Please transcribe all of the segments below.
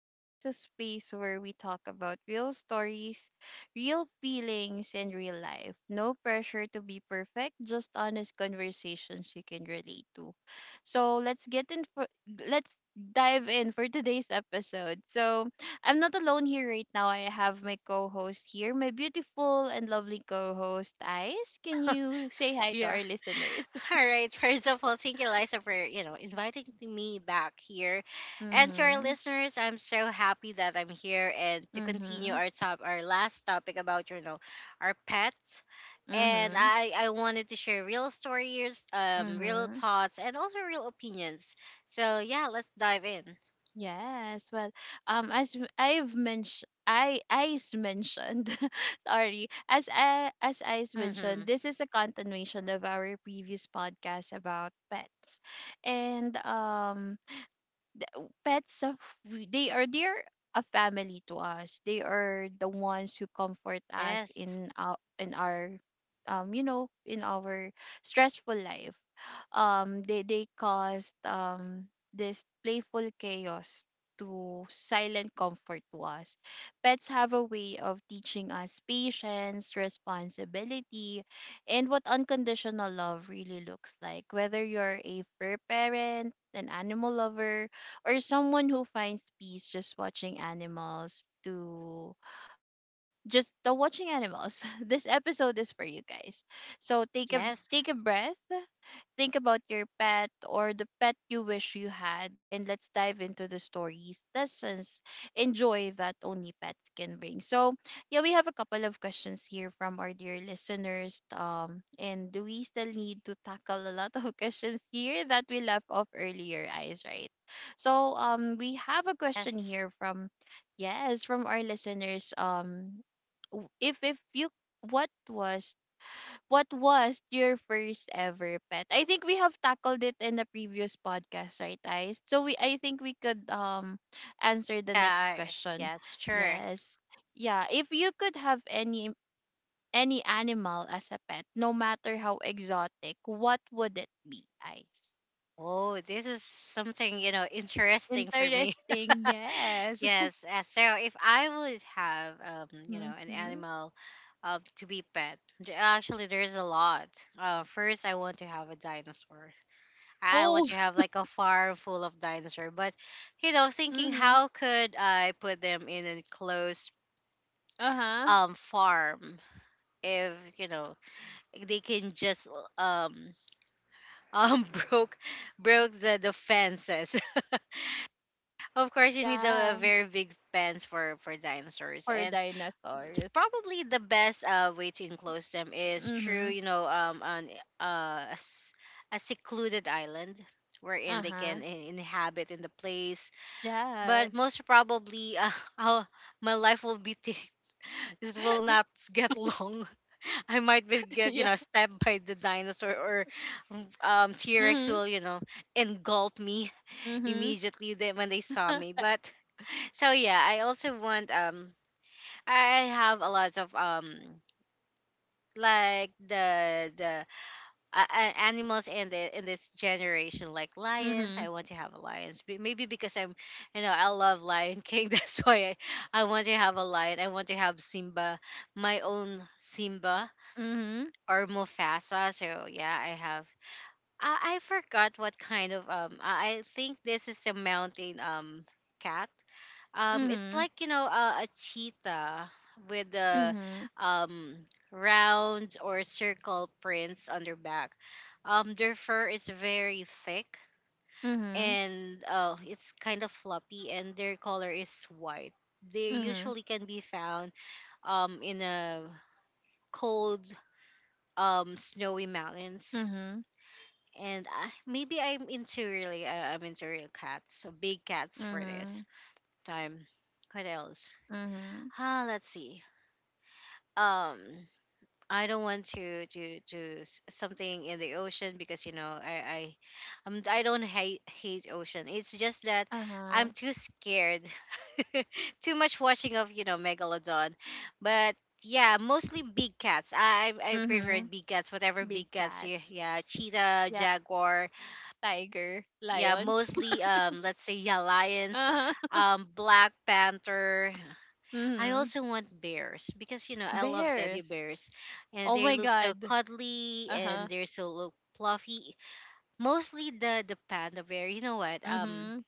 and this is a space where we talk about real stories, real feelings, and real life. No pressure to be perfect, just honest conversations you can relate to. So let's get in. Let's dive in for today's episode. So I'm not alone here right now. I have my co-host here, my beautiful and lovely co-host Ice. Can you say hi to Yeah. our listeners? All right. First of all, thank you, Liza, for inviting me back here, and to our Mm-hmm. listeners, I'm so happy that I'm here and to continue Mm-hmm. Our last topic about our pets, and Mm-hmm. I wanted to share real stories, real Mm-hmm. thoughts, and also real opinions. So yeah, let's dive in. Yes. Well, as I've mentioned, sorry, as I's Mm-hmm. mentioned, this is a continuation of our previous podcast about pets, and pets of they're a family to us. They are the ones who comfort us Yes. in our um you know in our stressful life. They caused this playful chaos to silent comfort to us. Pets have a way of teaching us patience, responsibility, and what unconditional love really looks like. Whether you're a fur parent, an animal lover, or someone who finds peace just watching animals to uh just the watching animals. This episode is for you guys, so Yes. take a breath. Think about your pet or the pet you wish you had, and let's dive into the stories, lessons, and joy that only pets can bring. So, yeah, we have a couple of questions here from our dear listeners. And we still need to tackle a lot of questions here that we left off earlier, eyes, right? So, we have a question Yes. here from, yes, from our listeners. If you what was what was your first ever pet? I think we have tackled it in the previous podcast, right, guys? So we I think we could answer the Yeah. next question. Yes. Sure. Yes. Yeah, if you could have any animal as a pet, no matter how exotic, what would it be, Ice? Oh, this is something, interesting for me. Interesting. Yes. Yes. So if I would have, an Mhm. animal to be pet. Actually, there's a lot. First, I want to have a dinosaur. I want Oh, to have like a farm full of dinosaur. But, thinking Mhm. how could I put them in a closed Uh-huh. Farm if they can just um um broke broke the fences. Of course, you need a Yeah, very big fence for dinosaurs, for and dinosaurs. probably the best way to enclose them is through Mhm. On uh, a, s- a secluded island wherein they can Uh-huh. inhabit in the place. But Yes. most probably, I'll- my life will be t- this will not get long. I might be get Yeah. Stabbed by the dinosaur, or T Rex Mhm. will engulf me Mhm. immediately when they saw me, but. So yeah, I also want I have a lot of like the animals in the in this generation like lions. I Mhm. want to have a lions. Maybe because I'm you know I love Lion King. That's why I want to have a lion. I want to have Simba, my own Simba Mhm. or Mufasa. So yeah, I have. I forgot what kind of I think this is a mountain cat. It's Mhm. like a cheetah with the Mhm. um, round or circle prints on their back. Their fur is very thick, Mhm. and it's kind of floppy, and their color is white. They Mhm. usually can be found in a cold, snowy mountains. Mhm. And maybe I'm into real cats, so big cats for this Mhm. time. What else? Mhm. Ah, let's see. um I don't want something in the ocean, because I'm, I do not hate ocean. It's just that Uh-huh. I'm too scared. Too much watching of megalodon, but yeah, mostly big cats. I preferred Mhm. big cats. Whatever Big big cats, y- cats, yeah, cheetah, jaguar. tiger, Yeah, lion. mostly let's say yeah lions, Uh-huh. Black panther. I Mhm. also want bears because I love teddy Bears. bears, and Oh they my look so god. cuddly Uh-huh. and they're so look fluffy. Mostly the panda bear. You know what? Um, Mhm.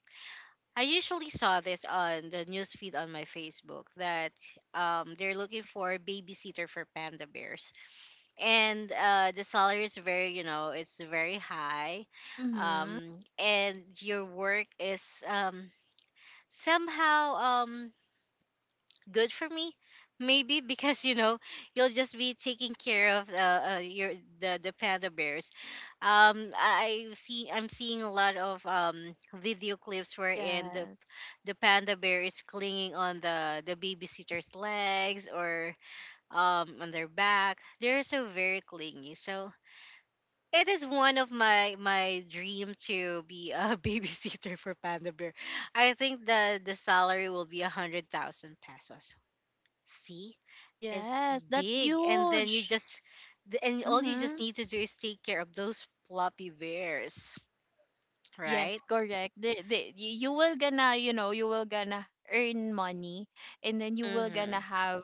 I usually saw this on the news feed on my Facebook that they're looking for a babysitter for panda bears, and the salary is very you know it's very high, Mhm. um and your work is somehow um good for me, maybe because you'll just be taking care of the panda bears. I'm seeing a lot of video clips wherein the Yes. the panda bear is clinging on the babysitter's legs, or on their back. They're so very clingy. So it is one of my dream to be a babysitter for panda bear. I think the salary will be ₱100,000. See, it's Yes, that's big, and then you huge. just and all you just Mhm. need to do is take care of those floppy bears, right? Yes, correct. You will gonna, you know, you will gonna earn money, and then you will Mm-hmm. gonna have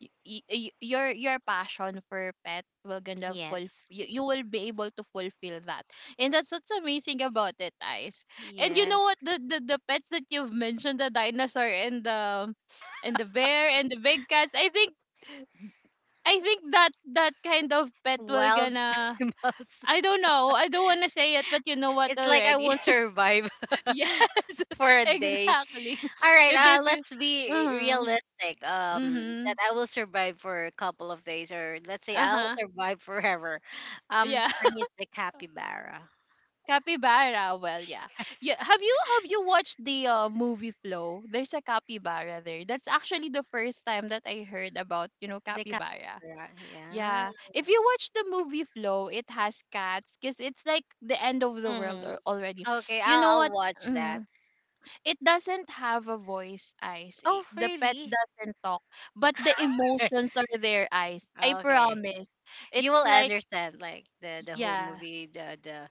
your passion for pet will gonna fulfill Yes. you. You will be able to fulfill that, and that's what's amazing about it, guys. And you know Yes. what, the pets that you've mentioned, the dinosaur and the bear and the big cats, I think that that kind of pet will Wild gonna, animals. I don't know, I don't want to say it, but you know what It's like I already. won't survive Yes, for a day. exactly. All right, If if you. let's be Uh-huh. realistic. That Mm-hmm. I will survive for a couple of days, or let's say I'll Uh-huh. survive forever. Yeah. For me, it's the capybara. Capybara. Well, yeah. Yeah. Yes, Have you watched the movie Flow? There's a capybara there. That's actually the first time that I heard about, you know, the capybara. capybara, yeah. Yeah. If you watch the movie Flow, it has cats because it's like the end of the world or already. Mm-hmm. Okay, You know I'll what? I'll watch Mm-hmm, that. it doesn't have a voice, eyes. Oh, The pets really? doesn't talk, but the emotions are there, eyes, I Okay. promise. You It's will like, understand, like, the whole yeah. movie, the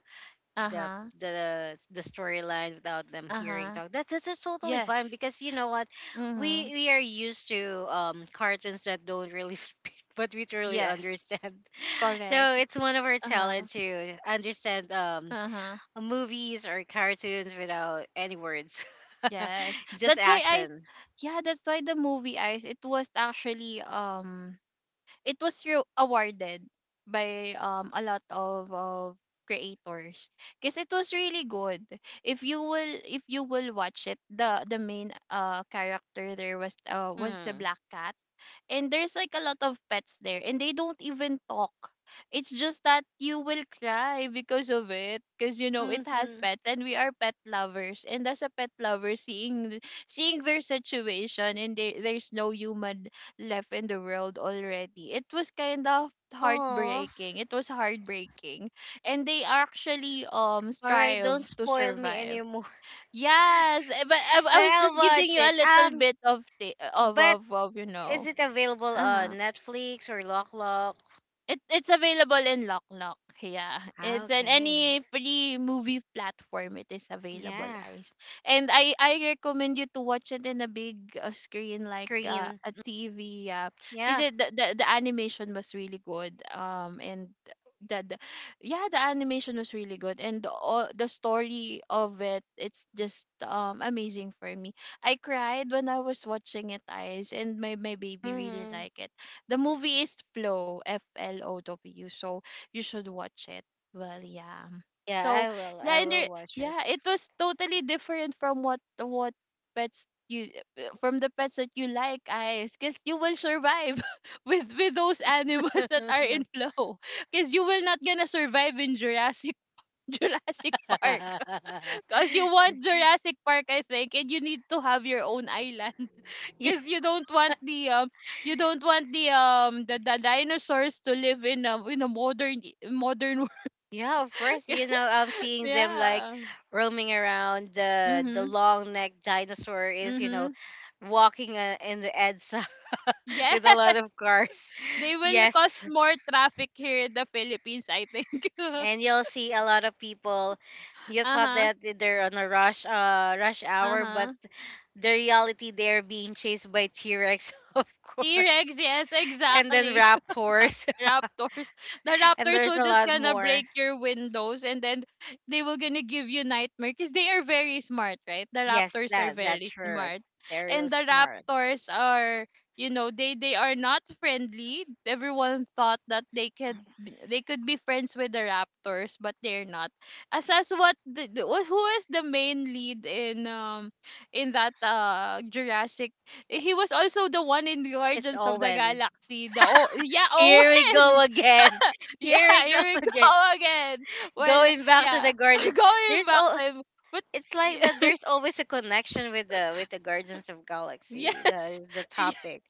the Uh-huh. the storyline without them hearing Uh-huh. talk. That that's just totally fine, Yes. because you know what, we Mm-hmm. we are used to cartoons that don't really speak, but we truly Yes, understand. correct. So it's one of our Uh-huh. talent to understand Uh-huh. movies or cartoons without any words, Yes, just that's why I action. yeah, that's why the movie, eyes, it was actually it was re- awarded by a lot of creators because it was really good. If you will watch it, the main character there Mm-hmm. was a black cat, and there's like a lot of pets there and they don't even talk. It's just that you will cry because of it, because you know it Mm-hmm. has pets and we are pet lovers, and as a pet lover, seeing seeing their situation, and there's no human left in the world already, it was kind of Oh, heartbreaking. It was heartbreaking, and they actually all right. strive Don't to spoil me survive. anymore. Yes, eh, but I But was I'll just giving watch you it. a little Um, bit of but you is know. it available on Uh-huh. Netflix or Lock Lock? it it's available in Lock Lock. Yeah, Ah, it's in okay. any free movie platform. It is available, Yeah, guys. And I recommend you to watch it in a big screen like Green. a TV. Yeah, because Yeah. The animation was really good. And the yeah, the animation was really good and all the story of it, it's just amazing for me. I cried when I was watching it, guys. And my baby really Mm-hmm. liked it. The movie is Flow, F L O W, so you should watch it. Well, yeah. Yeah, So I will. I yeah, and will there, watch it. yeah, it was totally different from what pets you, from the pets that you like, guys, because you will survive with those animals that are in Flow, because you will not gonna survive in Jurassic Jurassic Park, because you want Jurassic Park, I think, and you need to have your own island Yeah, because you don't want the you don't want the dinosaurs to live in a modern world. yeah, of course. You know, I'm seeing them like Yeah. roaming around. The Mhm. long neck dinosaur is Mhm. walking, in the edge Yeah. with a lot of cars. They will cause Yes, more traffic here in the Philippines, I think. and you'll see a lot of people. You thought Uh-huh. that they're on a rush, rush hour, but Uh-huh. the reality they're being chased by T Rex, of course, T-Rex, yes, and then exactly. Raptors, Raptors. The and raptors there's will a just lot gonna more. break your windows, and then they will gonna give you nightmare because they are very smart, right? The Yes, raptors are that's very true. smart, They're real and the smart. raptors are, you know, they are not friendly. Everyone thought that they could be friends with the raptors, but they're not, as as what the, who is the main lead in that Jurassic, he was also the one in the It's Guardians of the Owen. Galaxy. The, oh yeah, Here we go Owen. again. Yeah, Here we go here we again. go again. Well, Going back to the yeah, garden. going There's back all, to him, but it's like that yeah, there's always a connection with the Guardians of Galaxy, yes, the Y- topic,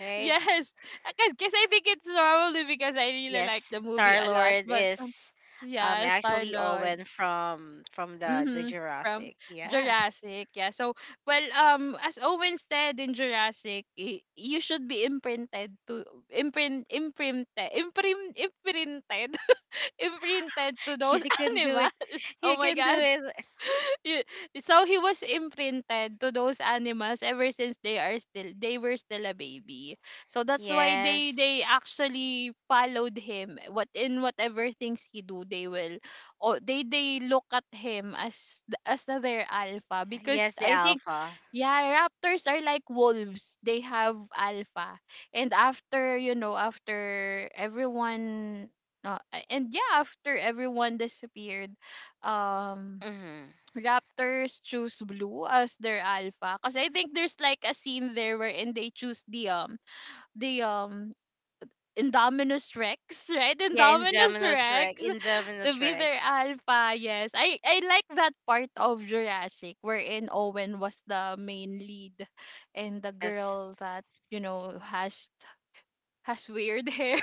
right? yes. Because guess I think it's probably because I really like Yes, the movie Star a lot. Lord But is yeah, Star actually Lord. Owen from the Mhm, from Jurassic. Yeah. Jurassic, yeah. So, well, as Owen said in Jurassic, you should be imprinted to imprint imprinted imprinted to those You can do it. animals. You Oh my can do God, it. Y- so he was imprinted to those animals ever since they were still a baby, so that's why Yes. they actually followed him. What in whatever things he do, they will, or they look at him as their alpha, because Yes, the I think, Alpha. yeah, raptors are like wolves, they have alpha. And after, you know, after everyone, uh, and yeah, after everyone disappeared, um Mm-hmm. Raptors choose blue as their alpha, because I think there's like a scene there wherein they choose the Indominus Rex, right? Yeah, Indominus Indominus Rex Rex. Indominus to be Rex. their alpha. Yes. I like that part of Jurassic wherein Owen was the main lead and the Yes. girl that, you know, has weird hair.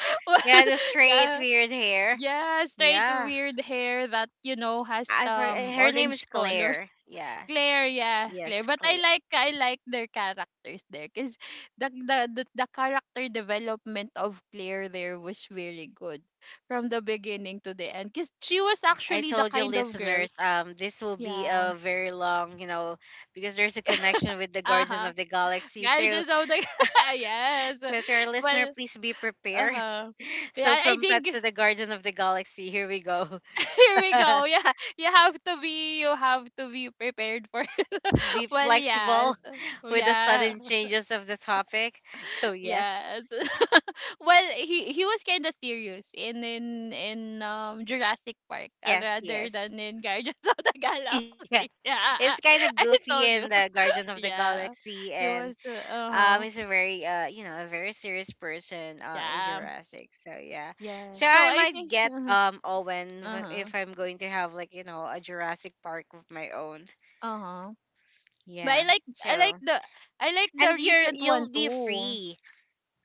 Well, Yeah, the straight yeah. weird hair. Yeah, straight Yeah. weird hair that, you know, has I forgot her name orange is color. Claire. Yeah. Claire, yeah, Claire. Yes, But I like their characters there because the character development of Claire there was very good from the beginning to the end. Because she was I actually the told you kind of girl, listeners, this will be yeah, a very long, because there's a connection with the uh Guardian huh, of the Galaxy. So, gorgeous of the yes. so to our listener, Well, please be uh prepared. huh. Yeah, So, I from think pets to the Guardian of the Galaxy, here we go. here we go. Yeah, you have to be prepared for. Be Well, yes, flexible with the yeah. sudden changes of the topic. So, yes, Yes. Well, he was kind of serious in Jurassic Park, yes, rather yes. than in Guardians of the Yeah, Galaxy. Yeah, it's kind of I goofy told you. in the Guardian of the Yeah, Galaxy, he and was the, uh Um, huh. he's a very serious person in Yeah, Jurassic. So yeah, yeah. so So I I might think, get uh huh, Owen if I'm going to have like a Jurassic Park of my own. uh huh. But Yeah. So, I like the and you're recent you'll one be too. free.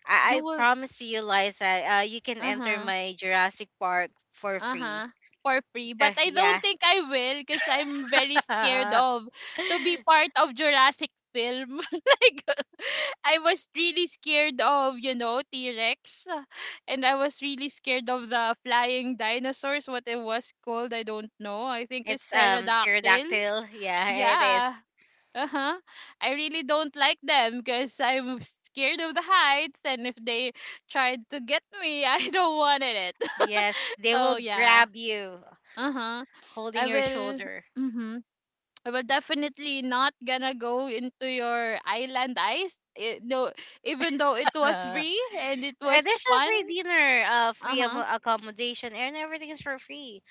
I, You I will, promise you, Liza. You can uh enter huh. my Jurassic Park for Uh-huh. free. For free, but So I don't yeah, think I will, because I'm very scared of to be part of Jurassic film. Like I was really scared of, you know, T-Rex, and I was really scared of the flying dinosaurs. What it was called, I don't know. I think it's it's pterodactyl. pterodactyl. Yeah, it is. Yeah. Uh-huh. I really don't like them because I'm scared of the heights, and if they tried to get me, I don't wanted it. Yes, they So will yeah. grab you Uh-huh. I holding your will shoulder. Mm-hmm. I will definitely not gonna go into your island, Ice. Eh, no, even though it was Uh, free and it was There's a fun. free dinner, free Uh-huh. accommodation, and everything is for free.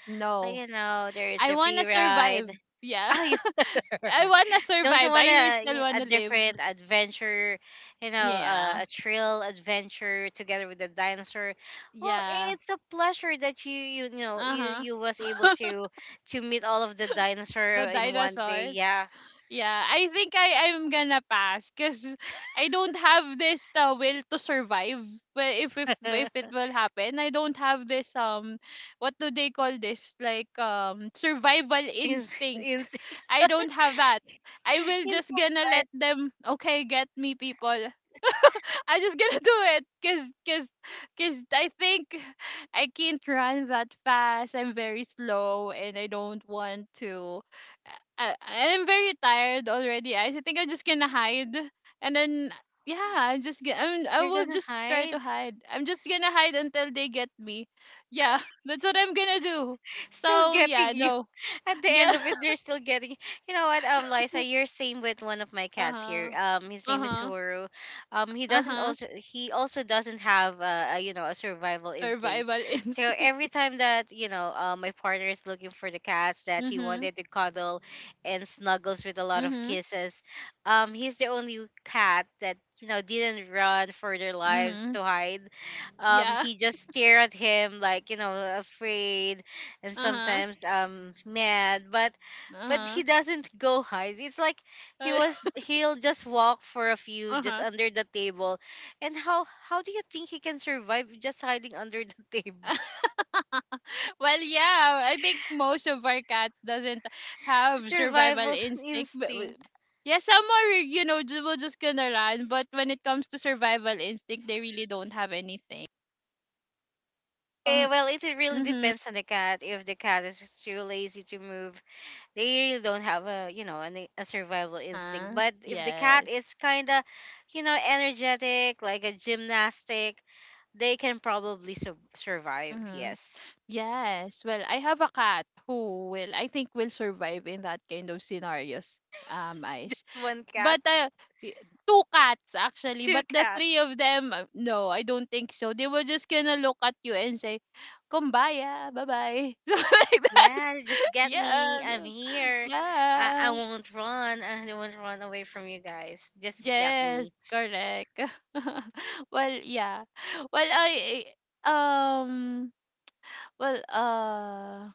Like, No. There is I a wanna free survive. ride. Yeah. Oh, you I wanna don't you survive. want I still a wanna live. different adventure, Yeah. a thrill adventure together with the dinosaur? Well, Yeah. it's a pleasure that you you know you Uh-huh. you was able to meet all of the dinosaur The in one day. dinosaurs. Yeah, Yeah, I think I'm gonna pass because I don't have this will to survive. But if if in, if it will happen, I don't have this what do they call this, like, survival in, instinct. I don't have that. I will you know just gonna what? let them, okay, get me, people. I'm just gonna do it because cause, cause I think I can't run that fast. I'm very slow and I don't want to. I'm very tired already. I think I'm just gonna hide, and then yeah, I You're will gonna just try to hide, hide. I'm just gonna hide until they get me. Yeah, that's what I'm gonna do. still So yeah, getting no, at the yeah. end of it, they're still getting. You know what, Liza, you're same with one of my Uh cats here. huh. His Uh name is huh. Huru. Um, he Uh doesn't huh. also he also doesn't have a you know a survival instinct. Survival So every instinct. time that my partner is looking for the cats that he Mhm. wanted to cuddle and snuggles with a lot of Mhm. kisses, he's the only cat that didn't run for their lives Mhm. to hide. Yeah. He just stare at him, like, afraid, and Uh-huh. sometimes mad, but Uh-huh. he doesn't go hide. It's like Uh, he'll just walk for a few, just uh-huh. under the table. And how do you think he can survive just hiding under the table Well, yeah, I think most of our cats doesn't have survival survival instinct. Instinct? Yeah, some are, you know, will just gonna run, but when it comes to survival instinct, they really don't have anything. Eh, Um, well, it really mhm. depends on the cat. If the cat is just too lazy to move, they really don't have a you know an, a survival instinct. Uh-huh. But if the cat Yes. is kind of, energetic, like a gymnastic, they can probably survive. Mm-hmm. Yes. Yes. Well, I have a cat who will, I think, will survive in that kind of scenarios. I Just one cat, But, I 2 cats actually, two but the 3 cats. of them, no, I don't think so. They were just gonna look at you and say, "Kumbaya, bye-bye." Something like that. Yeah, just get Yeah. me. I'm No, here. I yeah. won't run. I won't run away from you guys. Just get Yes, me. correct. Well, yeah. Well, I I um, well, uh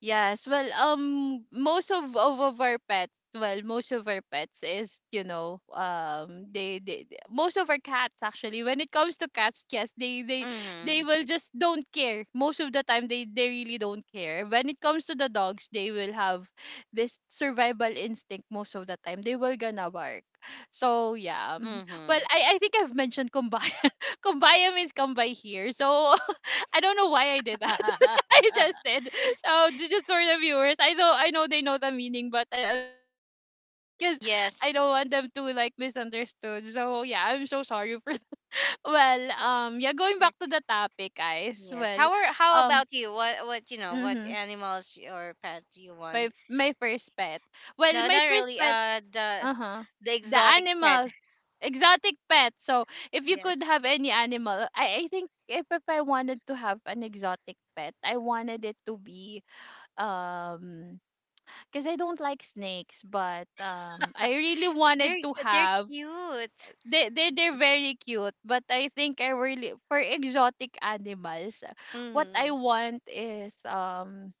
Yes, well, most of our pets, well, most of our pets is, you know, most of our cats actually. When it comes to cats, yes, they Mhm. will just don't care. Most of the time, they really don't care. When it comes to the dogs, they will have this survival instinct most of the time. They will gonna bark. So yeah, well, Mhm. I think I've mentioned kumbaya. Kumbaya means come by here. So I don't know why I did that. I just did. So just for the viewers, I know they know the meaning, but I just wanna explain it because I Yes. don't want them to like misunderstood. So yeah, I'm so sorry for that. Well, yeah, going Yeah. back to the topic, guys. Yes. Well, How um, about you? What mm-hmm, animals or pet do you my want? my first pet. Well, No, my not first really. pet. Uh the Uh huh. the The exotic pet. animals, exotic pet. So if you could Yes. have any animal, I think if I wanted to have an exotic pet, I wanted it to be um because I don't like snakes, but I really wanted They're to they're have cute. they're very cute, but I think I really, for exotic animals, what I Mhm. want is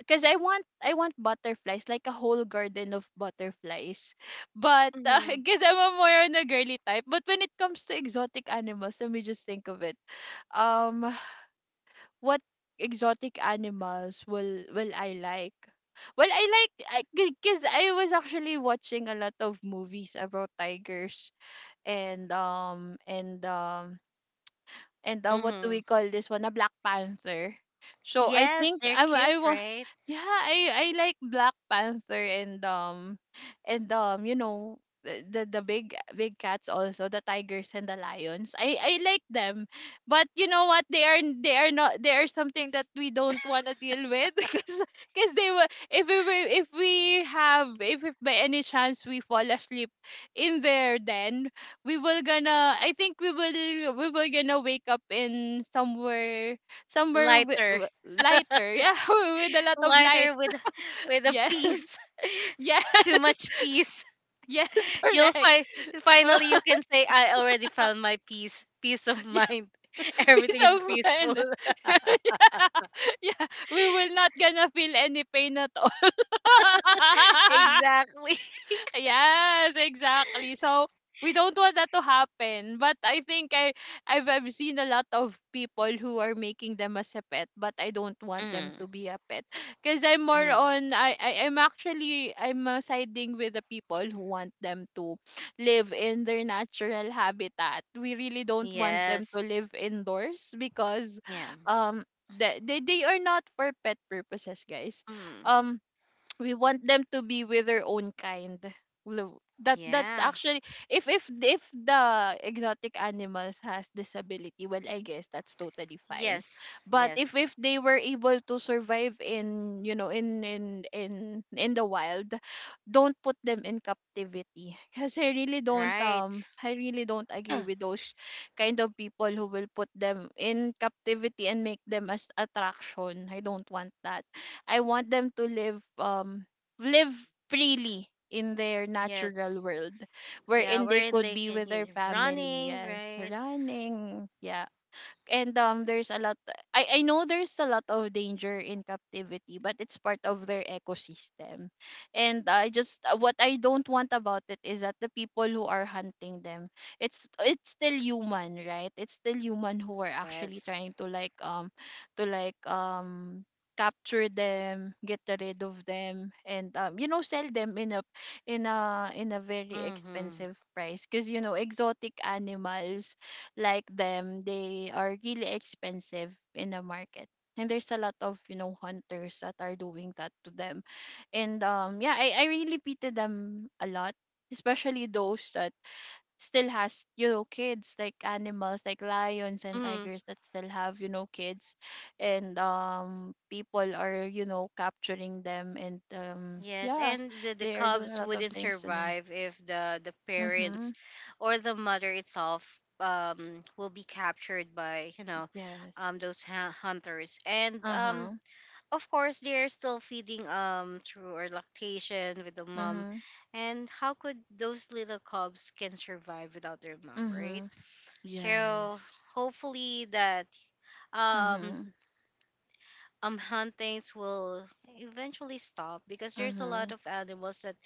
because I want butterflies, like a whole garden of butterflies, but Mhm. because I'm a more on a girly type. But when it comes to exotic animals, let me just think of it. Um, what exotic animals will I like? Well, I like, because I was actually watching a lot of movies about tigers and um and um and what do we Mhm. call this one? A Black Panther. So I Yes, think they're cute, right? yeah, I like Black Panther and you know, the the big big cats, also the tigers and the lions, I like them, but you know what, they are not, they are something that we don't want to deal with. Because they were, if we have, if by any chance we fall asleep in there, then we will gonna, I think we will, we will gonna wake up in somewhere, somewhere Lighter, lighter, yeah. With a lot of light, lighter with a yeah. piece. Yeah, Too much peace. yes, You'll correct. find, finally you can say I already found my peace, peace of Yeah, mind. peace Everything is of peaceful. mind. Yeah. Yeah, we will not gonna feel any pain at all. Exactly. Yes, exactly. So we don't want that to happen. But I think I've seen a lot of people who are making them as a pet, but I don't want them to Mm, be a pet. Cause I'm more mm. on, I'm actually, I'm siding with the people who want them to live in their natural habitat. We really don't want them to Yes. live indoors because Yeah. They are not for pet purposes, guys. Mm, Um we want them to be with their own kind. That that's yeah. actually, if the exotic animals has disability, well, I guess that's totally fine. Yes. But Yes. if they were able to survive in, you know, in the wild, don't put them in captivity, because I really don't, Right. I really don't agree with those kind of people who will put them in captivity and make them as attraction. I don't want that. I want them to live live freely in their natural Yes. world, Yeah. wherein they Wherein could they be can with their get family, running. yes, Right. running, yeah. And there's a lot, I know there's a lot of danger in captivity, but it's part of their ecosystem. And I just, what I don't want about it is that the people who are hunting them, it's still human, right? It's still human who are actually Yes. trying to like, to like um capture them, get rid of them, and you know, sell them in a, in a very Mm-hmm. expensive price, because you know, exotic animals like them, they are really expensive in the market. And there's a lot of, you know, hunters that are doing that to them. And yeah, I really pity them a lot. Especially those that still has, you know, kids, like animals like lions and tigers that still have, you know, kids, and people are, you know, capturing them, and Yes, yeah, and the they are doing a cubs lot of wouldn't things to them. survive if the Mm-hmm. parents or the mother itself will be captured by Yes. Those hunters, and Uh-huh. of course they are still feeding through or lactation with the mom. Mm-hmm. And how could those little cubs can survive without their mom, right? Mm-hmm. So Yes. hopefully that um Mhm. Huntings will eventually stop because there's a lot Mhm. of animals that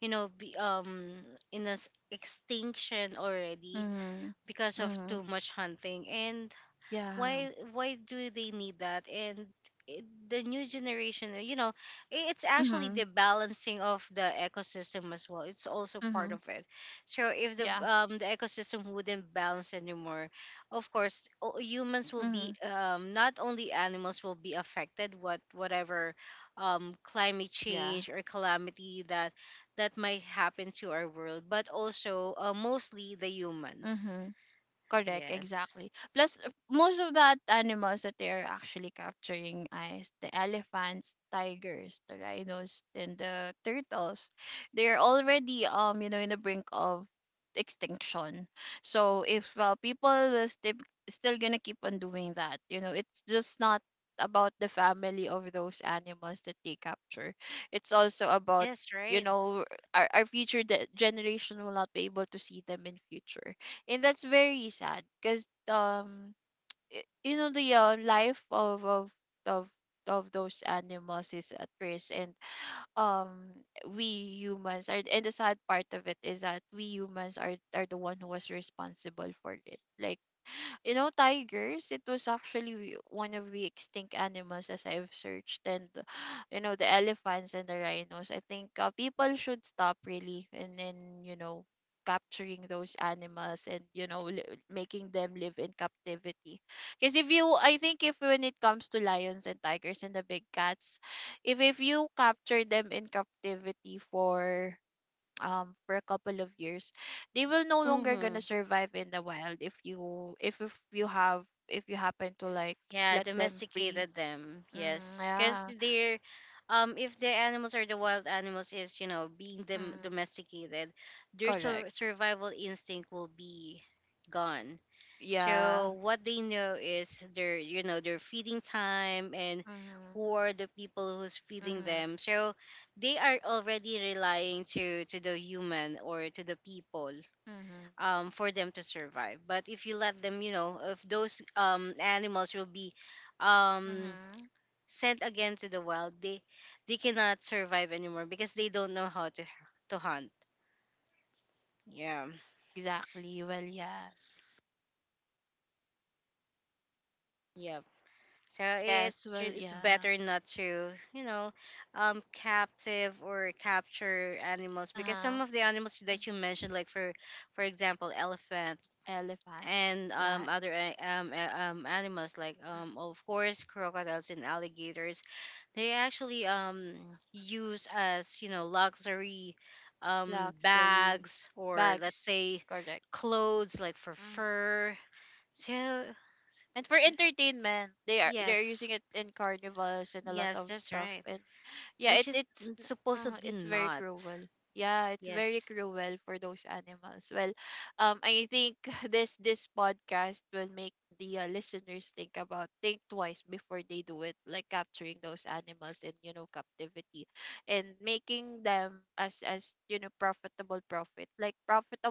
you know be, um in this extinction already Mhm. because of Mhm. too much hunting. And Yeah. why do they need that? And the new generation, you know, it's actually the Mhm. balancing of the ecosystem as well. It's also part Mhm. of it. So if the Yeah. um the ecosystem wouldn't balance anymore, of course humans will be, Mhm. Not only animals will be affected. Whatever, climate Yeah. change or calamity that might happen to our world, but also mostly the humans. Mhm. Correct, Yes. exactly. Plus, most of that animals that they are actually capturing is the elephants, tigers, the rhinos, and the turtles. They are already, you know, in the brink of extinction. So if, people will still gonna keep on doing that, you know, it's just not about the family of those animals that they capture. It's also about, Yes, you right. know, our future generation will not be able to see them in future, and that's very sad, because you know, the, life of of those animals is at risk, and um we humans are, and the sad part of it is that we humans are the one who was responsible for it. Like, you know, tigers, it was actually one of the extinct animals, as I've searched. And you know, the elephants and the rhinos, I think, people should stop, really, and then, you know, capturing those animals, and you know, making them live in captivity. Because if you, I think, if when it comes to lions and tigers and the big cats, if you capture them in captivity for a couple of years, they will no longer gonna Mhm. survive in the wild, if you, if you have, if you happen to like Yeah, let them free. domesticated them. Mm, Yes, because yeah. they're, if the animals or the wild animals is being Mm, domesticated, their correct. Survival instinct will be gone. Yeah. So what they know is their, you know, their feeding time and Mm-hmm. who are the people who's feeding Mm-hmm. them. So they are already relying to the human or to the people, Mm-hmm. For them to survive. But if you let them, you know, if those, animals will be um, Mm-hmm. sent again to the wild, they cannot survive anymore because they don't know how to hunt. Yeah, Exactly, well, yes. yeah. So Yes, well, it's yeah. better not to, you know, captive or capture animals, because Uh-huh. some of the animals Mm. that you mentioned, like for example, elephant Elephant, and, like other animals like, of course crocodiles and alligators. They actually, use as, you know, luxury, luxury bags, or let's bags, say correct. clothes, like for Mm-hmm. fur. So, And for so- entertainment, they are, they're yes, using it in carnivals and a lot yes, of that's stuff. right. And yeah, Which is supposedly it's very not. cruel. Yeah, it's very Yes. cruel for those animals. Well, I think this podcast will make the, listeners think about, think twice before they do it, like capturing those animals in, you know, captivity, and making them as, you know, profitable, profit, like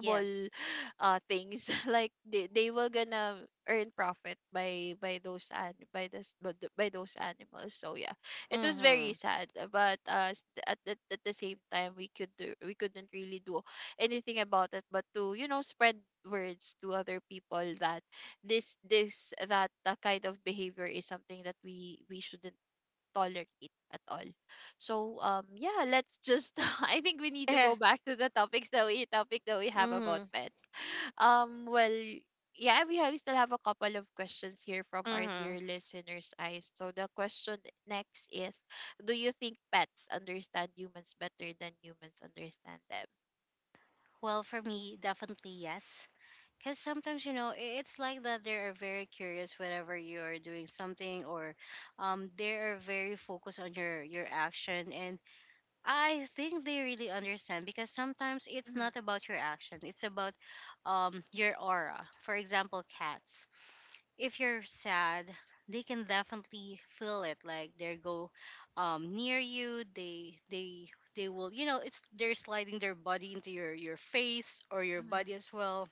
Yeah. uh, things. Like they will gonna earn profit by those, and by this, by those animals. So yeah, it was very Mhm. sad, at the same time, we could do, we couldn't really do anything about it, but to, you know, spread words to other people that this that kind of behavior is something that we shouldn't tolerate at all. So, yeah, let's just I think we need to go back to the topic that we have about mhm. pets. Well, yeah, we still have a couple of questions here from our Mhm. dear listeners, eyes. So the question next is, do you think pets understand humans better than humans understand them? Well, for me, definitely yes. Because sometimes, you know, it's like that they are very curious whenever you are doing something, or, they are very focused on your action. And I think they really understand, because sometimes it's not Mm-hmm. about your action. It's about, your aura. For example, cats. If you're sad, they can definitely feel it. Like they go, near you. They will, you know, it's they're sliding their body into your face, or your Mm-hmm. body as well.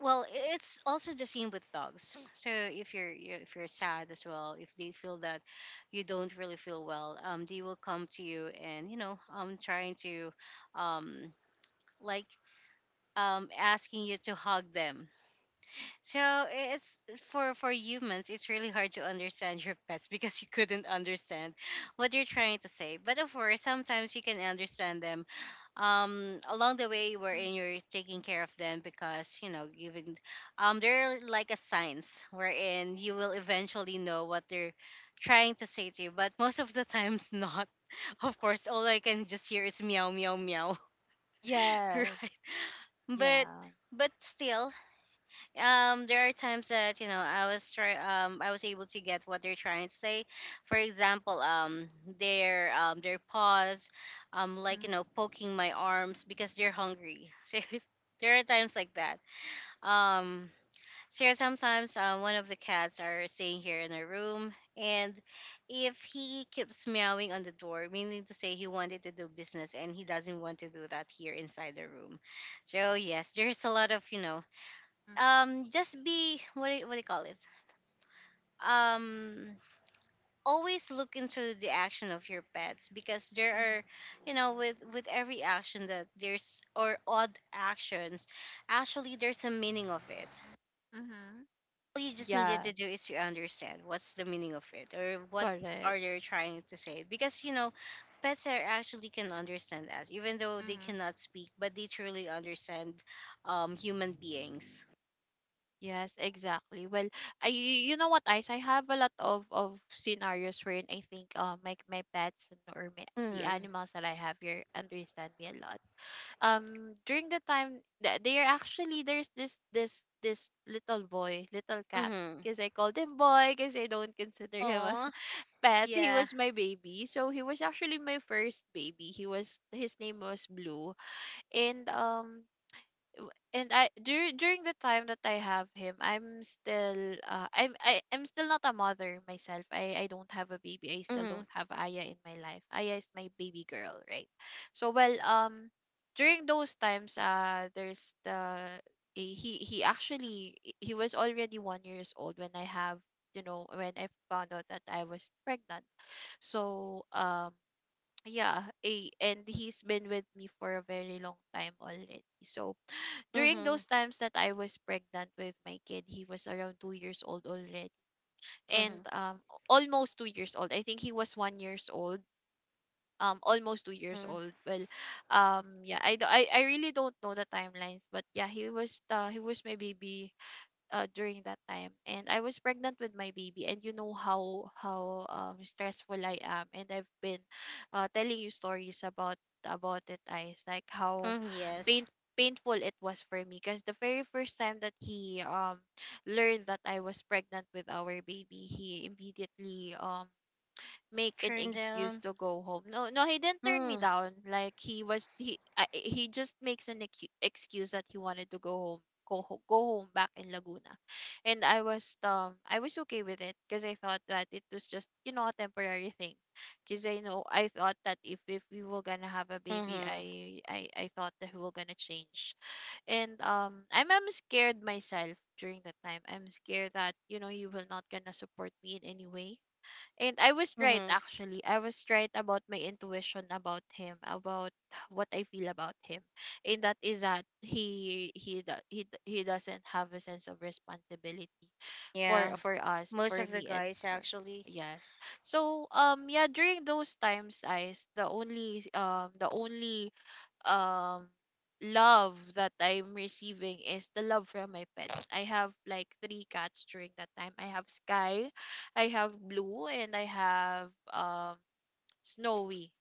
Well, it's also the same with dogs. So if you're if you're sad as well, if they feel that you don't really feel well, they will come to you, and, you know, trying to like, asking you to hug them. So it's for humans, it's really hard to understand your pets, because you couldn't understand what you're trying to say. But of course, sometimes you can understand them, along the way Mm. wherein you're taking care of them, because, you know, given they're like a signs wherein you will eventually know what they're trying to say to you, but most of the times not. Of course, all I can just hear is meow, meow, meow. Yes. Right? but Yeah. but still, there are times that, you know, I was able to get what they're trying to say. For example, their, their paws, like, you Mm-hmm. know, poking my arms because they're hungry. So there are times like that. um so yeah, sometimes, one of the cats are staying here in our room, and if he keeps meowing on the door, meaning to say he wanted to do business and he doesn't want to do that here inside the room. So yes, there's a lot of, you know, just be, what do you call it, um always look into the action of your pets, because Mm-hmm. there are, you know, with every action, that there's or odd actions, actually there's a meaning of it. Mm-hmm. All you just needed to do Yes. is to understand what's the meaning of it, or what Correct. are they trying to say, because, you know, pets are actually can understand us even though they cannot speak, but they truly understand, human beings. Yes, exactly. Well, you know what, Ice, I have a lot of scenarios wherein I think, uh, my pets, and or my, the Mm-hmm. animals that I have here understand me a lot. During the time that they are actually, there's this little boy, little cat. Mm-hmm. Because I called him boy, because I don't consider him as Aw, a pet. He yeah. was my baby, so he was actually my first baby. He was his name was Blue, and I during the time that I have him, I'm still not a mother myself. I don't have a baby. I still Mhm. don't have Aya in my life. Aya is my baby girl, right? So during those times there's the he actually he was already 1 years old when I found out that I was pregnant. So yeah, and he's been with me for a very long time already. So during Mhm. those times that I was pregnant with my kid, he was around 2 years old already, and Mhm. Almost 2 years old. I think he was 1 years old. Almost 2 years Mhm. old. I really don't know the timelines, but yeah, he was my baby during that time, and I was pregnant with my baby. And you know how stressful I am, and I've been telling you stories about it, eyes, like how Mm, yes. pain painful it was for me, because the very first time that he learned that I was pregnant with our baby, he immediately make an Turn excuse down. to go home. No, no, he didn't turn me Mm. down. Like he was he I, he just makes an excuse that he wanted to go home, go home back in Laguna, and I was okay with it, because I thought that it was just, you know, a temporary thing, because I thought that if we were gonna have a baby, Mhm. I thought that we were gonna change, and I'm scared myself during that time. I'm scared that, you know, you will not gonna support me in any way, and I was right Mhm. actually. I was right about my intuition about him, about what I feel about him. And that is that he do- he d- he doesn't have a sense of responsibility Yeah. for us, Most for of the me and guys for, actually. yes. So yeah, during those times, I the only um love that I'm receiving is the love from my pets. I have like three cats during that time. I have Sky, I have Blue, and I have Snowy.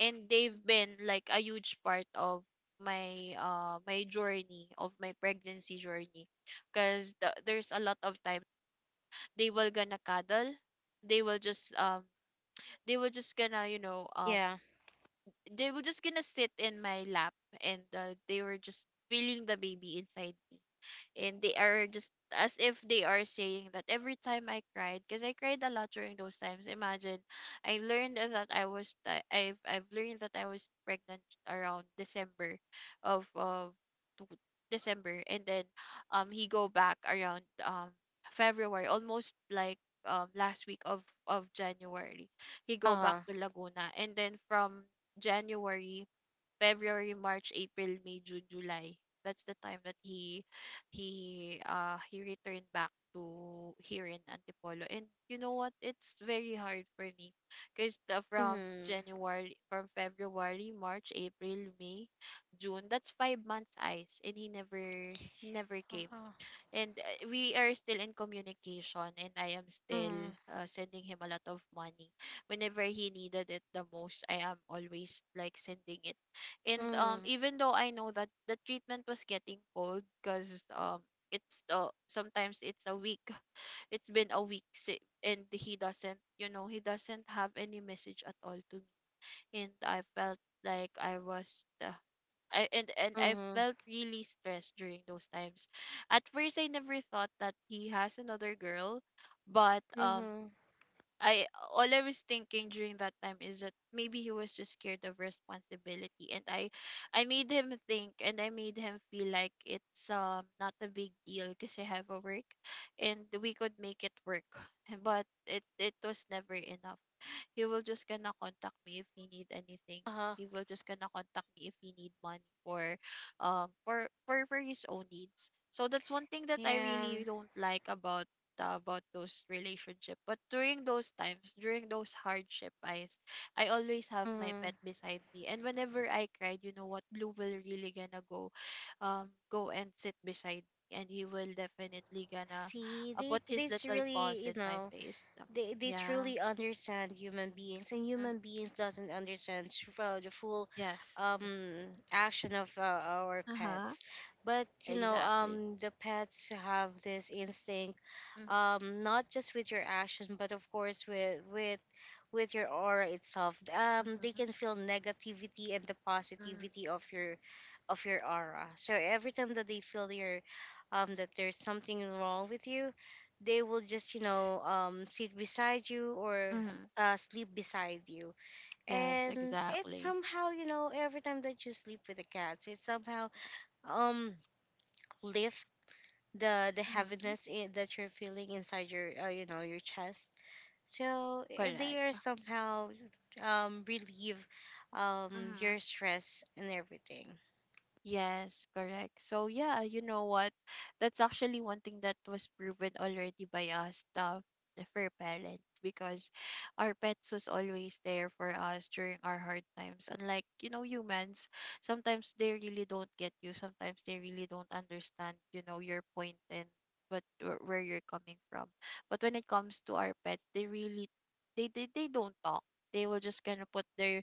And they've been like a huge part of my journey, of my pregnancy journey, because there's a lot of times they will gonna cuddle, they will just gonna, you know, Yeah. they were just gonna sit in my lap, and they were just feeling the baby inside me, and they are just as if they are saying that every time I cried, because I cried a lot during those times. Imagine, I learned that I've learned that I was pregnant around December of of two- December, and then he go back around February, almost like last week of January. He go back Uh-huh. to Laguna, and then from January, February, March, April, May, June, July. That's the time that he returned back to here in Antipolo. And you know what? It's very hard for me, because from Mhm. January, from February, March, April, May, June. That's 5 months, eyes, and he never came. Uh-huh. And we are still in communication, and I am Mhm. still sending him a lot of money whenever he needed it the most. I am always like sending it, and Mhm. even though I know that the treatment was getting cold, because it's sometimes it's a week, it's been a week and he doesn't, you know, he doesn't have any message at all to me, and I felt like I was I, and I Mhm. felt really stressed during those times. At first, I never thought that he has another girl, but Mhm. I all I was thinking during that time is that maybe he was just scared of responsibility, and I made him think and I made him feel like it's not a big deal, because I have a work and we could make it work, but it was never enough. He will just gonna contact me if he need anything. Uh-huh. He will just gonna contact me if he need money for for his own needs. So that's one thing that I Yeah. really don't like about those relationship. But during those times, during those hardship, eyes, I always have my Mhm. pet beside me, and whenever I cried, you know what, Blue will really gonna go go and sit beside me, and he will definitely gonna See, they put they his little really, paws you in my know, face. they Yeah. truly understand human beings, and mm, human beings doesn't understand the full, yes. um action of, our Uh-huh. pets. But you know, Exactly. The pets have this instinct, Mm-hmm. Not just with your action, but of course with with your aura itself. They Mm-hmm. can feel negativity and the mm positivity of your aura. So every time that they feel your, that there's something wrong with you, they will just, you Yes. know, sit beside you or, Mm-hmm. Sleep beside you. Yes, And it's exactly. somehow, you know, every time that you sleep with the cats, it somehow, um lift the Mm-hmm. heaviness in, that you're feeling inside your, you know, your chest. So they Correct. are somehow, relieve, your Mm-hmm. stress and everything. Yes, correct. So yeah, you know what? That's actually one thing that was proven already by us, the fur parents, because our pets was always there for us during our hard times. Unlike, you know, humans, sometimes they really don't get you. Sometimes they really don't understand, you know, your point and what where you're coming from. But when it comes to our pets, they really they don't talk. They will just kind of put their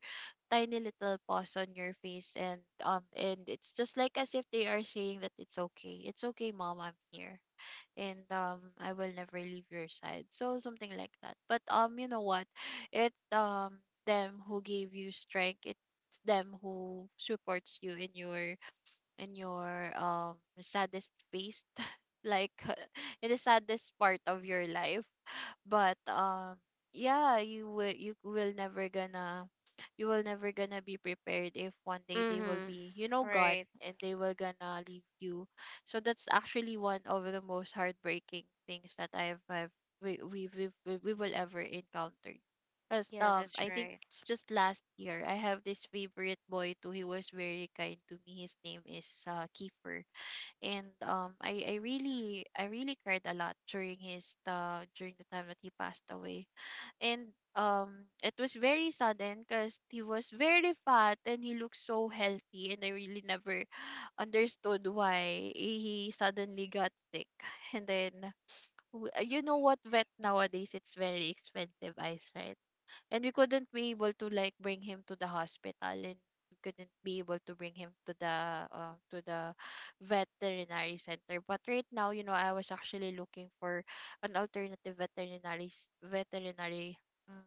tiny little pause on your face, and it's just like as if they are saying that it's okay, it's okay, mom, I'm here, and I will never leave your side, so something like that. But you know what, it's them who gave you strength, it's them who supports you in your and your saddest phase like in the saddest part of your life. But yeah, you will never gonna you will never gonna be prepared if one day they will Mm-hmm. be, you know, gone, Right. and they will gonna leave you. So that's actually one of the most heartbreaking things that I've we will ever encounter, because Yeah, that's I think right. it's just last year. I have this favorite boy too. He was very kind to me. His name is Kiefer, and um, I really I really cried a lot during his during the time that he passed away. And it was very sudden, because he was very fat and he looked so healthy, and I really never understood why he suddenly got sick. And then you know what, vet nowadays it's very expensive, eyes, right? And we couldn't be able to like bring him to the hospital, and we couldn't be able to bring him to the uh, to the veterinary center. But right now, you know, I was actually looking for an alternative veterinary mm,